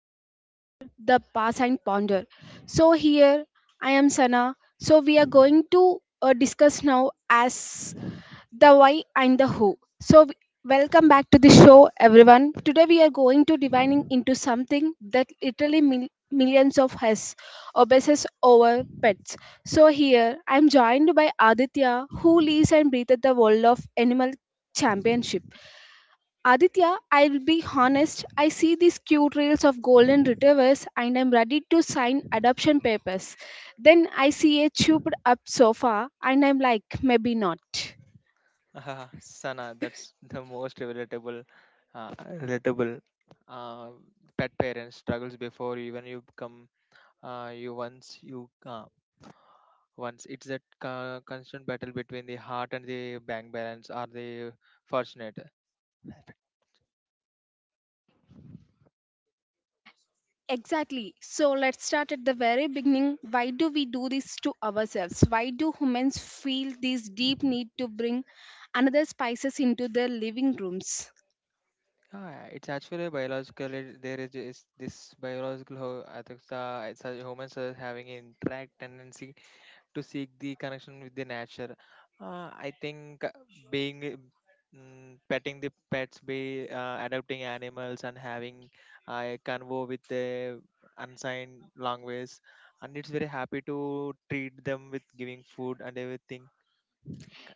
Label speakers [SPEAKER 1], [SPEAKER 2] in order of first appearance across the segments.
[SPEAKER 1] podcast titled The Pass and Ponder. So here I am Sana. So we are going to discuss now as the why and the who. So w- Welcome back to the show everyone. Today we are going to divining into something that literally millions of us obsess over pets. So here I am joined by Aditya who lives and breathes the world of animal championship. Aditya, I'll be honest, I see these cute reels of golden retrievers and I'm ready to sign adoption papers. Then I see a chewed up sofa and I'm like, maybe not.
[SPEAKER 2] Sana, that's the most relatable, uh, relatable. Uh, Pet parents struggles before even you become you once it's that constant battle between the heart and the bank balance are the fortunate.
[SPEAKER 1] Exactly. So let's start at the very beginning. Why do we do this to ourselves? Why do humans feel this deep need to bring another spices into their living rooms?
[SPEAKER 2] Yeah, it's actually biologically there is this biological I think it's a humans are having an interact tendency to seek the connection with the nature. I think being mm, petting the pets, be adopting animals, and having a convo with the unsigned language, and it's very happy to treat them with giving food and everything.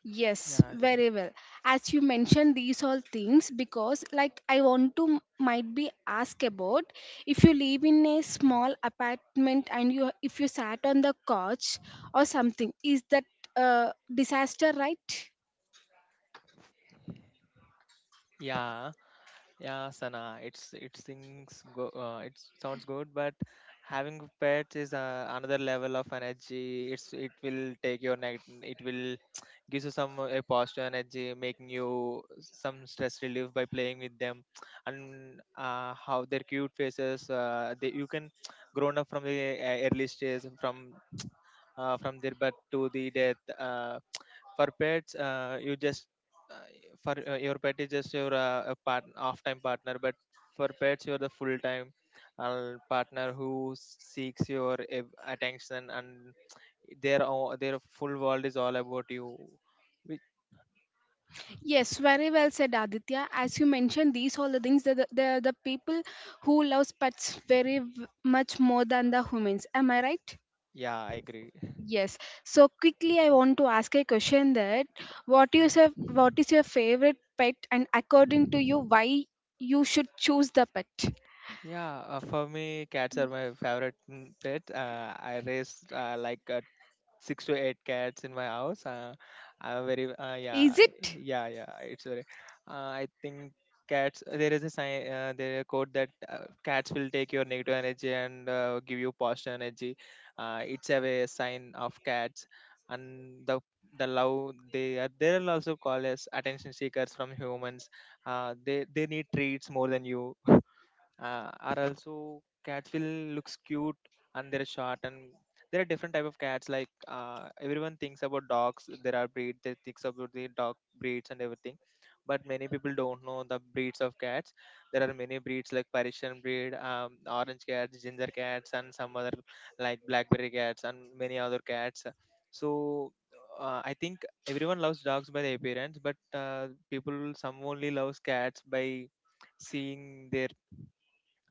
[SPEAKER 1] Yes,
[SPEAKER 2] Yeah,
[SPEAKER 1] very well. As you mentioned these all things, because like I want to might be ask about if you live in a small apartment and you if you sat on the couch or something, is that disaster, right?
[SPEAKER 2] yeah. Yeah, Sana, it's it sings go it sounds good, but having pets is another level of energy. It will gives you some a positive energy, making you some stress relief by playing with them, and how their cute faces. They You can grown up from the early stage from their birth to the death. For pets you just uh, for Your pet is just your a part off time partner, but for pets you're the full time partner who seeks your attention, and their full world is all about you. Which,
[SPEAKER 1] Yes, very well said, Aditya. As you mentioned, these all the things the people who loves pets very much more than the humans. Am I right?
[SPEAKER 2] yeah, I agree.
[SPEAKER 1] Yes. So quickly, I want to ask a question that what is your favorite pet, and according to you, why you should choose the pet?
[SPEAKER 2] Yeah, for me, cats are my favorite pet. I raised six to eight cats in my house. I'm very yeah
[SPEAKER 1] Is it?
[SPEAKER 2] yeah yeah. It's very. I think Cats. There is a sign. There is a quote that cats will take your negative energy and give you positive energy. It's a way, a sign of cats, and the love they are. They are also called as attention seekers from humans. They need treats more than you. Are also cats will looks cute, and they're short, and there are different type of cats. Everyone thinks about dogs. There are breed they thinks about the dog breeds and everything, but many people don't know the breeds of cats. There are many breeds like Persian breed, orange cats, ginger cats, and some other like blackberry cats, and many other cats. So I think everyone loves dogs by their appearance, but people some only loves cats by seeing their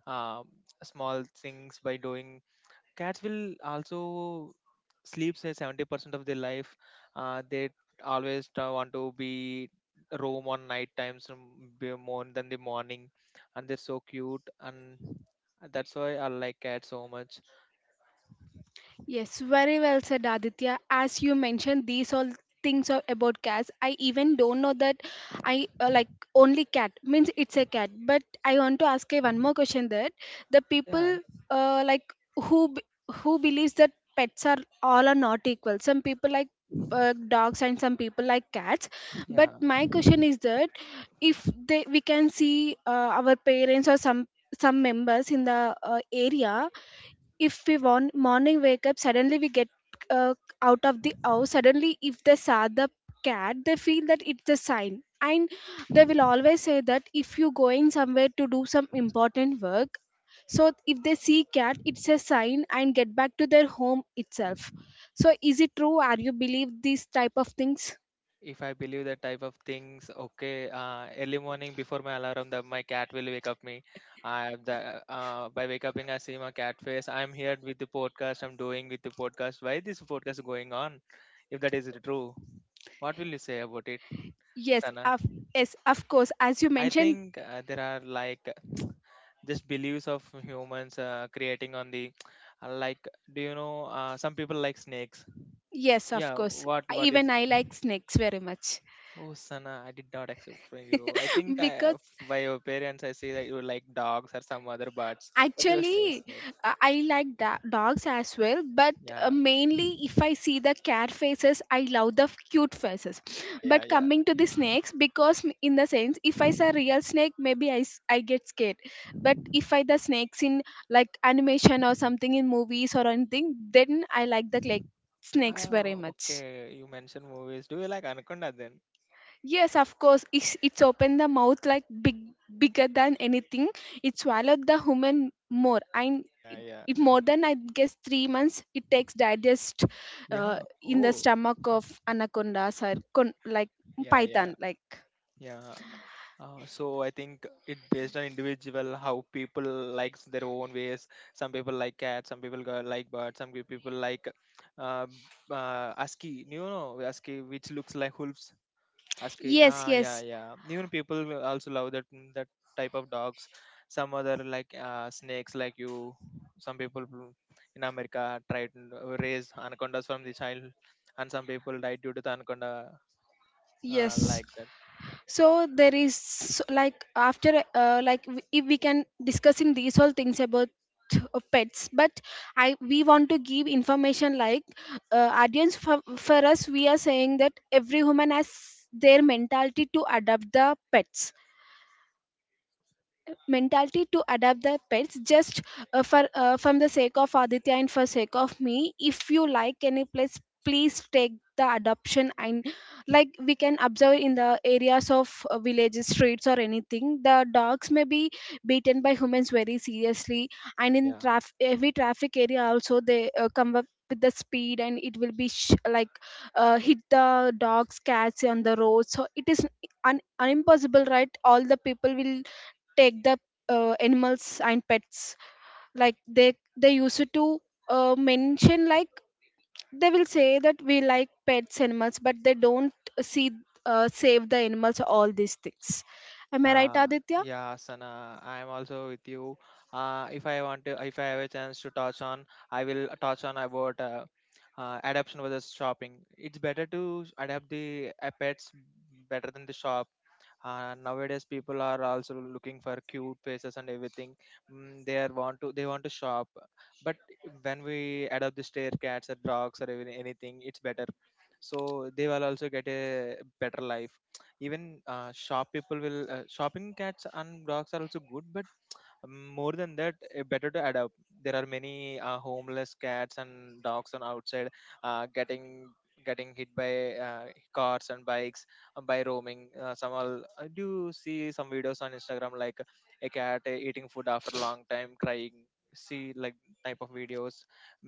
[SPEAKER 2] um, small things by doing. Cats will also sleep say 70% of their life. They Always want to be roam on night times, be more than the morning, and they're so cute, and that's why I like cats so much.
[SPEAKER 1] Yes, very well said, Aditya. As you mentioned, these all things are about cats. I even don't know that I like only cat means it's a cat. But I want to ask you one more question that the people
[SPEAKER 2] yeah
[SPEAKER 1] like who b- who believes that pets are all are not equal. Some people like dogs and some people like cats. But
[SPEAKER 2] yeah
[SPEAKER 1] my question is that if they we can see our parents or some members in the area, if we want morning wake up suddenly we get uh, out of the house suddenly, if they saw the cat they feel that it's a sign, and they will always say that if you going somewhere to do some important work, so if they see cat it's a sign and get back to their home itself. So is it true, are you believe these type of things?
[SPEAKER 2] If I believe that type of things, okay, early morning before my alarm, that my cat will wake up me. I the By wake up, I see my cat face. I'm here with the podcast. I'm doing with the podcast. Why this podcast going on? If that is true, what will you say about it,
[SPEAKER 1] Yes
[SPEAKER 2] Sana?
[SPEAKER 1] of, yes of course, as you
[SPEAKER 2] I
[SPEAKER 1] mentioned.
[SPEAKER 2] think there are like just beliefs of humans creating on the like. Do you know some people like snakes?
[SPEAKER 1] Yes of
[SPEAKER 2] Yeah.
[SPEAKER 1] course,
[SPEAKER 2] What is.
[SPEAKER 1] even I like snakes very much.
[SPEAKER 2] Oh, Sana, I did not accept from you.
[SPEAKER 1] Because
[SPEAKER 2] By your parents, I say that you like dogs or some other birds, but you say
[SPEAKER 1] actually,
[SPEAKER 2] snakes.
[SPEAKER 1] I like dogs as well, but
[SPEAKER 2] Yeah,
[SPEAKER 1] mainly if I see the cat faces, I love the cute faces.
[SPEAKER 2] yeah, yeah,
[SPEAKER 1] But
[SPEAKER 2] yeah.
[SPEAKER 1] coming to the snakes, because in the sense, if I see a real snake, maybe I, I get scared. But if I the snakes in like animation or something in movies or anything, then I like the like snakes very
[SPEAKER 2] Oh,
[SPEAKER 1] much.
[SPEAKER 2] okay. You mentioned movies. Do you like Anaconda then?
[SPEAKER 1] Yes, of course. It's opened the mouth like big, bigger than anything. It swallowed the human more. I
[SPEAKER 2] Yeah, yeah,
[SPEAKER 1] it more than I guess 3 months. It takes digest
[SPEAKER 2] yeah.
[SPEAKER 1] in the
[SPEAKER 2] Oh,
[SPEAKER 1] stomach of anaconda or like
[SPEAKER 2] yeah, yeah,
[SPEAKER 1] python. Like
[SPEAKER 2] yeah. So I think it based on individual how people likes their own ways. Some people like cats, like birds, some people like uh, ASCII. You know, ASCII, which looks like wolves. Husky.
[SPEAKER 1] yes,
[SPEAKER 2] Ah, yeah,
[SPEAKER 1] yes,
[SPEAKER 2] yeah. Even people will also love that that type of dogs. Some other like snakes, like you. Some people will- in America tried and raise anacondas from the child, and some people died due to the anaconda
[SPEAKER 1] yes.
[SPEAKER 2] like that.
[SPEAKER 1] So there is so, like after like if we can discussing these all things about pets, but I we want to give information like audience for us we are saying that every human has their mentality to adopt the pets, mentality to adopt the pets just for from the sake of Aditya and for sake of me. If you like any place, please take the adoption and like we can observe in the areas of villages, streets or anything, the dogs may be beaten by humans very seriously. And
[SPEAKER 2] Yeah,
[SPEAKER 1] in
[SPEAKER 2] yeah.
[SPEAKER 1] traffic, every traffic area also they come up with the speed and it will be like hit the dogs cats on the road. So it is impossible, right, all the people will take the animals and pets like they used to mention like they will say that we like pets animals but they don't see save the animals all these things. Am I right,
[SPEAKER 2] Yeah,
[SPEAKER 1] Aditya?
[SPEAKER 2] yeah, Sana. I am also with you. If I want to, if I have a chance to touch on, I will touch on about adaptation versus shopping. It's better to adapt the pets better than the shop, and nowadays people are also looking for cute faces and everything. Mm, they are want to they want to shop, but when we adopt the stray cats or dogs or even anything it's better, so they will also get a better life. Even shop people will shopping cats and dogs are also good, but more than that better to adopt. There are many homeless cats and dogs on outside uh, getting getting hit by cars and bikes by roaming. Some all I do see some videos on Instagram like a cat eating food after a long time crying. See like type of videos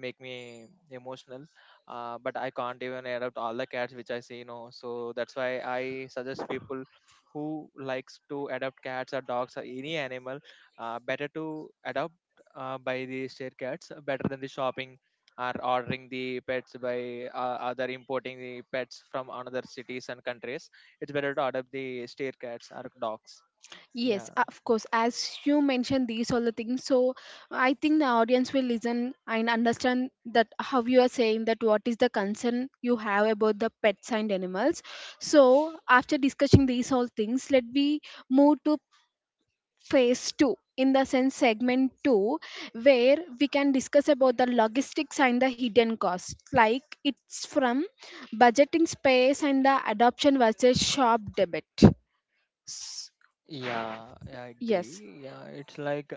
[SPEAKER 2] make me emotional. But I can't even adopt all the cats which I see, you know. So that's why I suggest people who likes to adopt cats or dogs or any animal better to adopt by the state cats better than the shopping or ordering the pets by other importing the pets from another cities and countries. It's better to adopt the state cats or dogs.
[SPEAKER 1] Yes
[SPEAKER 2] yeah
[SPEAKER 1] of course, as you mentioned these all the things. So I think the audience will listen and understand that how you are saying that what is the concern you have about the pets and animals. So after discussing these all things, let me move to phase two, in the sense segment two, where we can discuss about the logistics and the hidden costs, like it's from budgeting space and the adoption versus shop debit. S-
[SPEAKER 2] yeah i
[SPEAKER 1] yes.
[SPEAKER 2] agree yeah it's like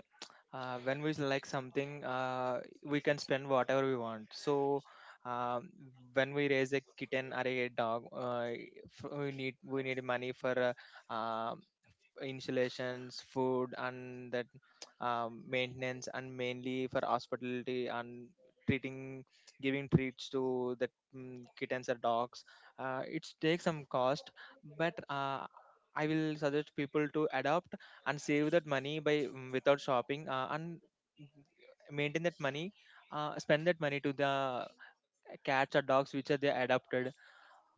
[SPEAKER 2] when we like something, we can spend whatever we want. So um, when we raise a kitten or a dog, we need money for uh, um installations, food, and that maintenance, and mainly for hospitality and treating, giving treats to the kittens or dogs. It takes some cost, but I will suggest people to adopt and save that money by without shopping, and maintain that money, spend that money to the cats or dogs which are they adopted.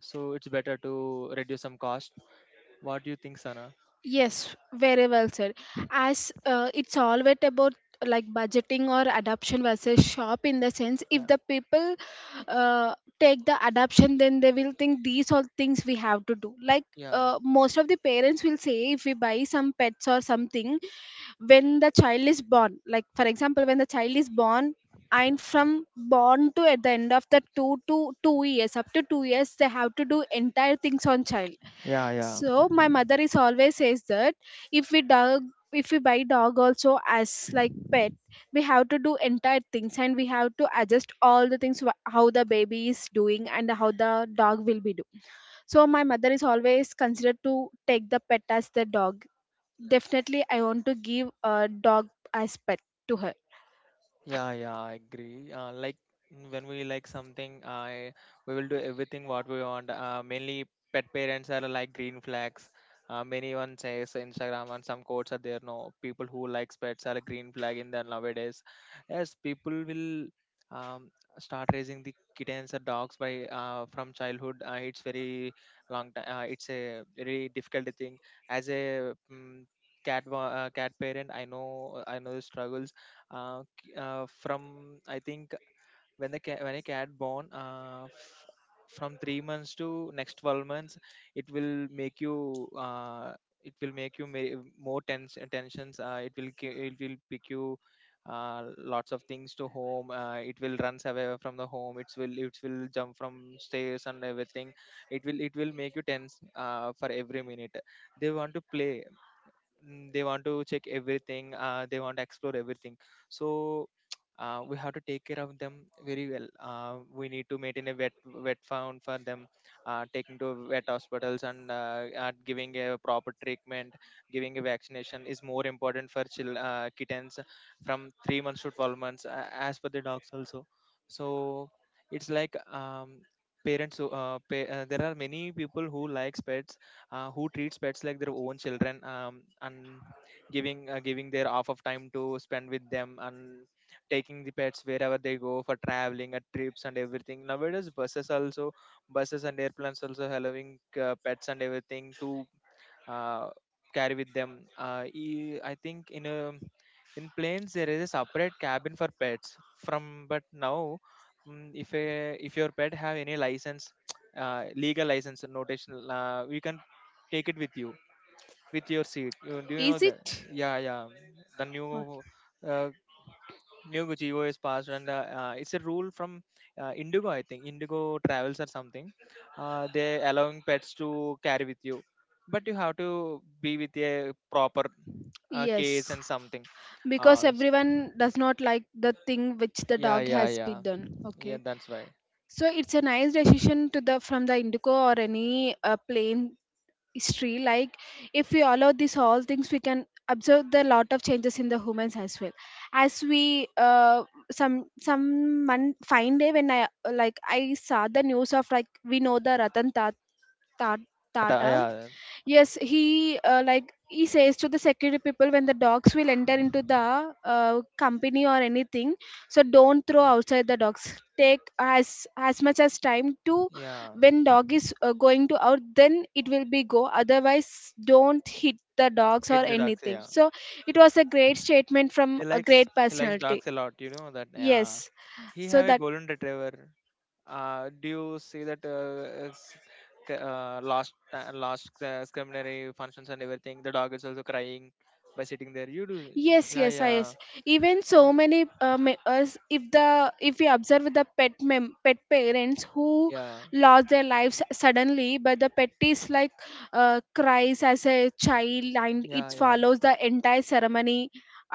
[SPEAKER 2] So it's better to reduce some cost. What do you think, Sana?
[SPEAKER 1] Yes, very well said. As it's always about like budgeting or adoption versus shop, in the sense if
[SPEAKER 2] Yeah,
[SPEAKER 1] the people take the adoption, then they will think these are things we have to do. Like
[SPEAKER 2] yeah.
[SPEAKER 1] most of the parents will say, if we buy some pets or something when the child is born, like for example, when the child is born and from born to at the end of the 2 to 2 years up to 2 years they have to do entire things on child.
[SPEAKER 2] Ya, ya.
[SPEAKER 1] So my mother is always says that if we dog, if we buy dog also as like pet, we have to do entire things and we have to adjust all the things how the baby is doing and how the dog will be doing. So my mother is always considered to take the pet as the dog. Definitely, I want to give a dog as pet to her.
[SPEAKER 2] Yeah, yeah, I agree. When we like something, I we will do everything what we want. Mainly pet parents are like green flags. Many one says Instagram, and some quotes are there. No, people who likes pets are a green flag in there nowadays. Yes, people will um, start raising the kittens or dogs by from childhood. It's very long time. It's a very difficult thing. As a cat parent, I know the struggles. Um from I think when a cat born, from 3 months to next 12 months, it will make you more tense tensions. It will pick you lots of things to home. It will runs away from the home. It will jump from stairs and everything. It will make you tense for every minute. They want to play, they want to check everything, they want to explore everything. So we have to take care of them very well. We need to maintain a wet found for them, taking to wet hospitals, and giving a proper treatment, giving a vaccination is more important for kittens from 3 months to 12 months, as per the dogs also. So it's like there are many people who likes pets who treats pets like their own children, and giving giving their half of time to spend with them, and taking the pets wherever they go for traveling at trips and everything. Nowadays buses and airplanes also allowing pets and everything to uh, carry with them. I think in a in planes there is a separate cabin for pets. From but now, if a, if your pet have any license, legal license, notational, we can take it with you with your seat. You, do you know
[SPEAKER 1] Is
[SPEAKER 2] that?
[SPEAKER 1] it?
[SPEAKER 2] Yeah, yeah. The new uh, New Neo is passed, and it's a rule from Indigo, I think. Indigo Travels or something. They allowing pets to carry with you, but you have to be with a proper
[SPEAKER 1] Yes,
[SPEAKER 2] case and something.
[SPEAKER 1] because
[SPEAKER 2] Uh, s-
[SPEAKER 1] everyone does not like the thing which the
[SPEAKER 2] yeah,
[SPEAKER 1] dog
[SPEAKER 2] yeah,
[SPEAKER 1] has
[SPEAKER 2] yeah,
[SPEAKER 1] been done.
[SPEAKER 2] yeah.
[SPEAKER 1] Okay.
[SPEAKER 2] That's why
[SPEAKER 1] So it's a nice decision to the from the Indigo or any plain history. Like if we allow these all things, we can observe the lot of changes in the humans as well. As we some one fine day when I like I saw the news of like we know the Ratan Tata.
[SPEAKER 2] Tata. Yeah,
[SPEAKER 1] Yes, he like he says to the security people when the dogs will enter into the company or anything, so don't throw outside the dogs. Take as much as time to
[SPEAKER 2] yeah.
[SPEAKER 1] when dog is going to out, then it will be go. Otherwise, don't hit the dogs or
[SPEAKER 2] Hit the dogs.
[SPEAKER 1] anything.
[SPEAKER 2] Yeah,
[SPEAKER 1] So it was a great statement from
[SPEAKER 2] he
[SPEAKER 1] a
[SPEAKER 2] likes
[SPEAKER 1] great personality.
[SPEAKER 2] dogs a lot. You know that. Yeah,
[SPEAKER 1] Yes,
[SPEAKER 2] he
[SPEAKER 1] so
[SPEAKER 2] have a
[SPEAKER 1] that.
[SPEAKER 2] golden retriever. Do you see that last preliminary functions and everything? The dog is also crying by sitting there. You do,
[SPEAKER 1] Yes,
[SPEAKER 2] yeah,
[SPEAKER 1] yes, I- yes.
[SPEAKER 2] yeah,
[SPEAKER 1] Even so many us if the if we observe the pet pet parents who
[SPEAKER 2] yeah,
[SPEAKER 1] lost their lives suddenly, but the pet is like cries as a child and
[SPEAKER 2] yeah,
[SPEAKER 1] it
[SPEAKER 2] yeah.
[SPEAKER 1] follows the entire ceremony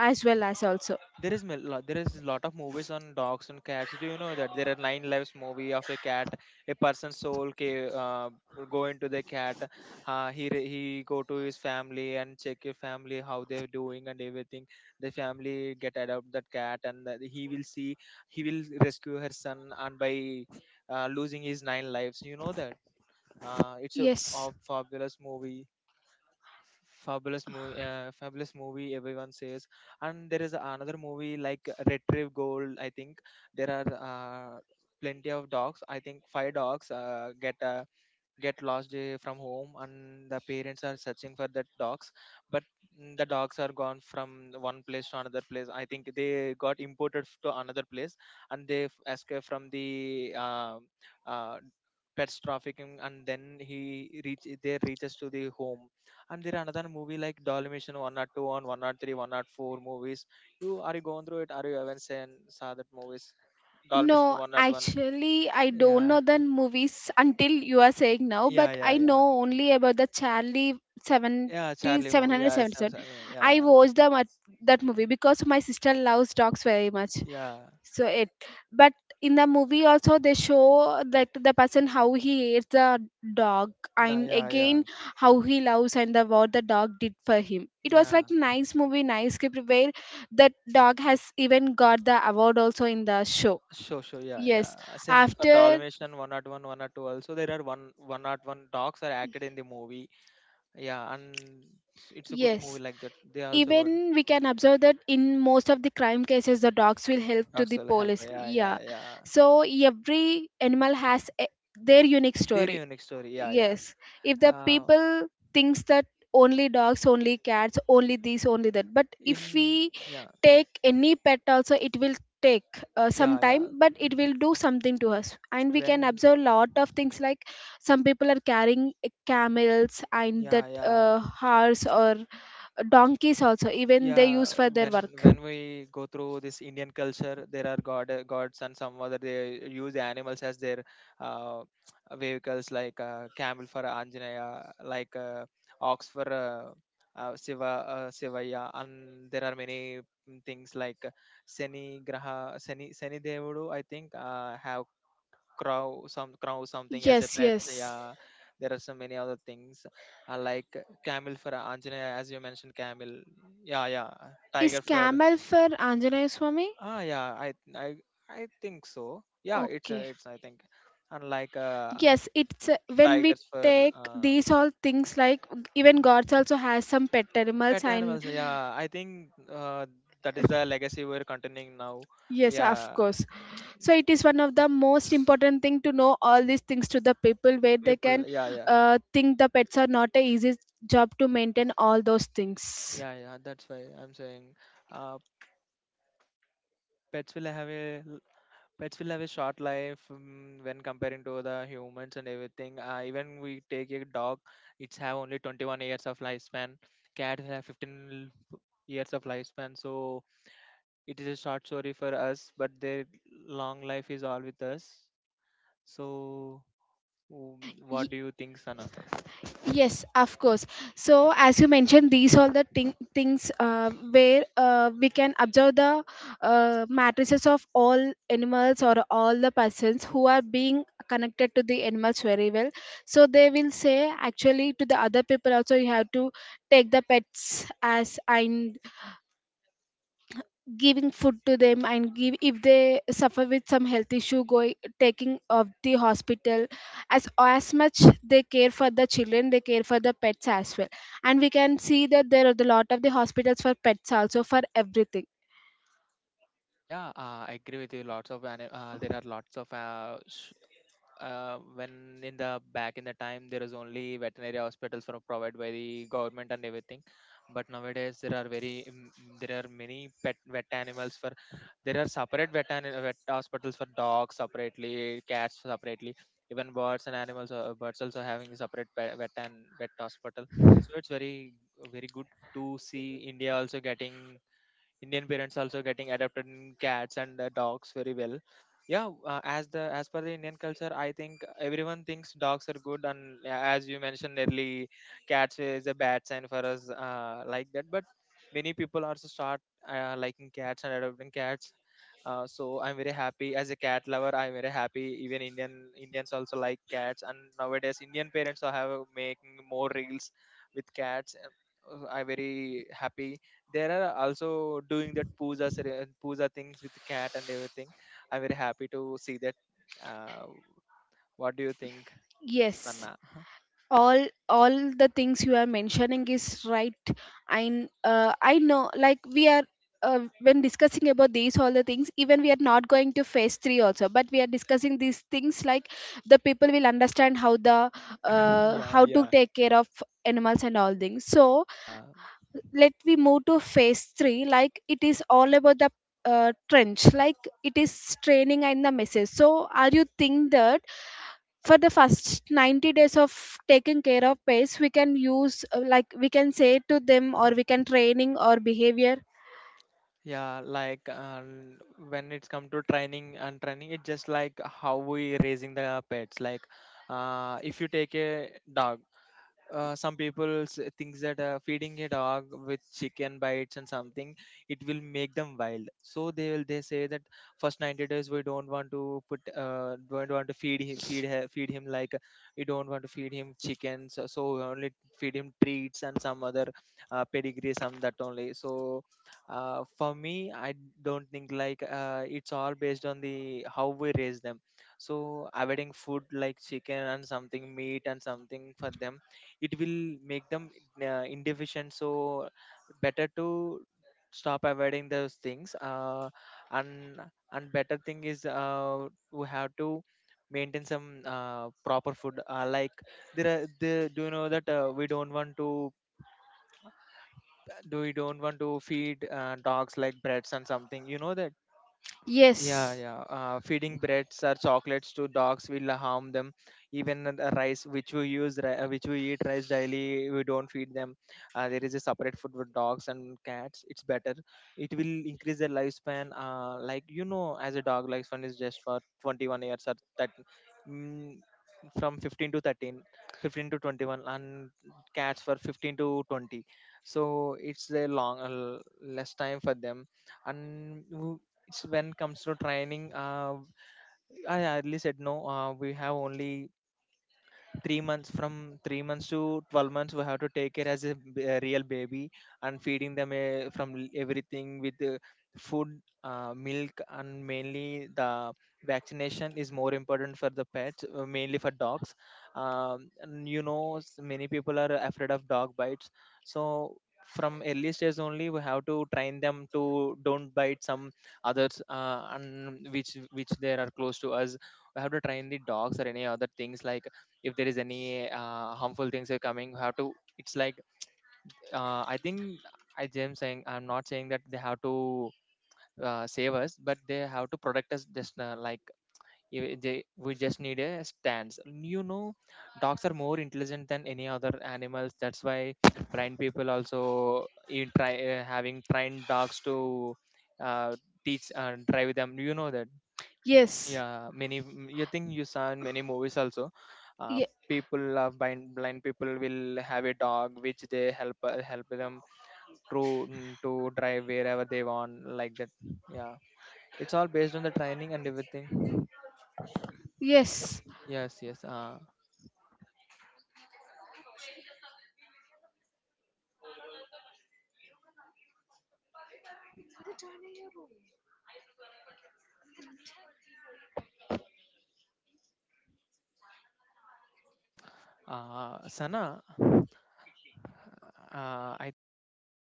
[SPEAKER 1] as well as also.
[SPEAKER 2] There is there is a lot of movies on dogs and cats. Do you know that there are nine lives movie of a cat, a person's soul will go into the cat. He he go to his family and check your family how they're doing and everything. The family get adopt that cat and that he will see he will rescue her son and by losing his nine lives. You know that uh, it's a,
[SPEAKER 1] Yes.
[SPEAKER 2] a fabulous movie fabulous movie fabulous movie everyone says. And there is another movie like retrieve gold, I think there are plenty of dogs, I think five dogs get lost from home and the parents are searching for the dogs, but the dogs are gone from one place to another place. I think they got imported to another place and they escaped from the uh, uh, pets trafficking and then he reach they reaches to the home. And there are another movie like Dalmatian one or two, and 103 four movies. You are, you going through it? Are you even seen, saw that movies Dalmatian
[SPEAKER 1] No,
[SPEAKER 2] one or one?
[SPEAKER 1] actually, I don't
[SPEAKER 2] yeah
[SPEAKER 1] know the movies until you are saying now,
[SPEAKER 2] yeah
[SPEAKER 1] but
[SPEAKER 2] yeah
[SPEAKER 1] I
[SPEAKER 2] yeah
[SPEAKER 1] know only about the Charlie Seven
[SPEAKER 2] Yeah, Charlie movie. Yeah, Sam,
[SPEAKER 1] 1777.
[SPEAKER 2] Sam,
[SPEAKER 1] I
[SPEAKER 2] yeah,
[SPEAKER 1] watched the that movie because my sister loves dogs very much.
[SPEAKER 2] yeah,
[SPEAKER 1] So it, but in the movie also they show that the person how he hates the dog,
[SPEAKER 2] nah,
[SPEAKER 1] and
[SPEAKER 2] yeah, yeah,
[SPEAKER 1] again how he loves and the, what the dog did for him, it was
[SPEAKER 2] yeah.
[SPEAKER 1] like nice movie nice script where that dog has even got the award also in the show.
[SPEAKER 2] Sure, sure. Yeah,
[SPEAKER 1] Yes,
[SPEAKER 2] yeah. Same for
[SPEAKER 1] after.
[SPEAKER 2] Dalmatian one at one, one at two also. There are one one at one dogs are acted in the movie. Yeah, and it's a good
[SPEAKER 1] Yes,
[SPEAKER 2] movie like that. They also got
[SPEAKER 1] even we can observe that in most of the crime cases, the dogs will help to
[SPEAKER 2] dogs
[SPEAKER 1] the
[SPEAKER 2] will help.
[SPEAKER 1] police.
[SPEAKER 2] Yeah, yeah,
[SPEAKER 1] Yeah,
[SPEAKER 2] yeah.
[SPEAKER 1] so every animal has a, their unique
[SPEAKER 2] Their
[SPEAKER 1] story.
[SPEAKER 2] unique story. Yeah, yeah.
[SPEAKER 1] Yes, if the
[SPEAKER 2] Uh,
[SPEAKER 1] people thinks that only dogs, only cats, only this, only that, but if
[SPEAKER 2] in
[SPEAKER 1] we
[SPEAKER 2] Yeah,
[SPEAKER 1] take any pet also, it will take some
[SPEAKER 2] yeah,
[SPEAKER 1] time,
[SPEAKER 2] yeah.
[SPEAKER 1] but it will do something to us, and we can
[SPEAKER 2] When
[SPEAKER 1] observe lot of things like some people are carrying camels and that
[SPEAKER 2] yeah, yeah.
[SPEAKER 1] horse or donkeys also even they
[SPEAKER 2] yeah
[SPEAKER 1] use for their
[SPEAKER 2] when
[SPEAKER 1] work.
[SPEAKER 2] when we go through this Indian culture, there are god gods and some other they use animals as their uh, vehicles like camel for Anjaneya, like ox for Shiva Shivaya, and there are many things like Shani graha Shani Shani Devudu, I think have crow some crow something as a
[SPEAKER 1] Yes,
[SPEAKER 2] pet.
[SPEAKER 1] yes,
[SPEAKER 2] So, yeah, there are so many other things like camel for Anjana, as you mentioned camel. Yeah, yeah,
[SPEAKER 1] is
[SPEAKER 2] tiger for,
[SPEAKER 1] camel for anjaneya swami?
[SPEAKER 2] yeah, I I think so. Yeah,
[SPEAKER 1] Okay.
[SPEAKER 2] it's I think unlike
[SPEAKER 1] Yes, it's a- when we
[SPEAKER 2] tigers for
[SPEAKER 1] take
[SPEAKER 2] uh,
[SPEAKER 1] these all things like even
[SPEAKER 2] mm,
[SPEAKER 1] gods also has some pet animals
[SPEAKER 2] pet
[SPEAKER 1] and
[SPEAKER 2] animals, yeah. I think uh, that is the legacy we're continuing now.
[SPEAKER 1] yes, of
[SPEAKER 2] Yeah,
[SPEAKER 1] course. So it is one of the most important thing to know all these things to the people where they can
[SPEAKER 2] people, yeah, yeah.
[SPEAKER 1] think the pets are not a easy job to maintain all those things.
[SPEAKER 2] Yeah, yeah, that's why I'm saying, uh, pets will have a pets will have a short life when comparing to the humans and everything. Even we take a dog, it's have only 21 years of lifespan. Cats have 15 years of lifespan. So it is a short story for us but their long life is all with us. So
[SPEAKER 1] Ye-
[SPEAKER 2] what do you think, Sana?
[SPEAKER 1] yes, of course. So, as you mentioned, these all the things where we can observe the matrices of all animals or all the persons who are being connected to the animals very well. So, they will say actually to the other people also, you have to take the pets as I giving food to them and give if they suffer with some health issue going taking of the hospital, as much they care for the children they care for the pets as well. And we can see that there are a lot of the hospitals for pets also for everything.
[SPEAKER 2] Yeah, I agree with you. There are lots of sh- when in the back in the time there is only veterinary hospitals were provided by the government and everything. But nowadays there are very there are many pet vet animals for, there are separate vet hospitals for dogs separately, cats separately. Even birds and animals, birds also having a separate vet, and vet hospital. So it's very very good to see India also getting Indian parents also getting adopted in cats and dogs very well. Yeah, as the as per the Indian culture, I think everyone thinks dogs are good, and as you mentioned early, cats is a bad sign for us like that. But many people also start liking cats and adopting cats. So I'm very happy. As a cat lover, I'm very happy. Even Indians also like cats, and nowadays Indian parents are have making more reels with cats. And I'm very happy there are also doing that puja things with the cat and everything. I'm very happy to see that. Uh, what do you think,
[SPEAKER 1] Yes,
[SPEAKER 2] Sanna?
[SPEAKER 1] all the things you are mentioning is right, and I know like we are when discussing about these all the things even we are not going to phase 3 also, but we are discussing these things like the people will understand how the
[SPEAKER 2] Yeah,
[SPEAKER 1] how to
[SPEAKER 2] yeah,
[SPEAKER 1] take care of animals and all things. So
[SPEAKER 2] yeah,
[SPEAKER 1] let we move to phase 3, like it is all about the trench, like it is training and the message. So are you think that for the first 90 days of taking care of pets we can use like we can say to them or we can training or behavior?
[SPEAKER 2] yeah, like when it's come to training and training, it's just like how we raising the pets. Like if you take a dog, some people thinks that feeding a dog with chicken bites and something, it will make them wild. So they say that first 90 days we don't want to put don't want to feed him feed him like we don't want to feed him chickens. So we only feed him treats and some other pedigree some that only. So for me, I don't think like it's all based on the how we raise them. So avoiding food like chicken and something, meat and something for them, it will make them inefficient. So better to stop avoiding those things, and and better thing is we have to maintain some proper food. Like there are the, do you know that we don't want to feed dogs like breads and something? You know that. Yeah,
[SPEAKER 1] Yes,
[SPEAKER 2] yeah. Feeding breads or chocolates to dogs will harm them. Even the rice, which we use, which we eat rice daily, we don't feed them. There is a separate food for dogs and cats. It's better. It will increase their lifespan. Like you know, as a dog, lifespan is just for 21 years or that, mm, from 15 to 13, 15 to 21, and cats for 15 to 20. So it's a long, less time for them. And it's when comes to training, I hardly said no. We have only 3 months, from 3 months to 12 months we have to take care as a real baby, and feeding them everything with food, milk, and mainly the vaccination is more important for the pets, mainly for dogs. And you know many people are afraid of dog bites. So from early stage only we have to train them to don't bite some others, and which they are close to us. We have to train the dogs or any other things like if there is any harmful things are coming, how to, it's like I think I'm not saying that they have to save us, but they have to protect us just like they, we just need a stance, you know. Dogs are more intelligent than any other animals. That's why blind people also in try having trained dogs to uh, teach and drive them. You know that.
[SPEAKER 1] yes,
[SPEAKER 2] Yeah, many you think you saw in many movies also. Uh,
[SPEAKER 1] Ye-
[SPEAKER 2] People blind people will have a dog which they help help them to to drive wherever they want, like that. Yeah, it's all based on the training and everything.
[SPEAKER 1] yes.
[SPEAKER 2] Yes, yes.
[SPEAKER 3] 他的长子是段
[SPEAKER 2] Sana, I think I have a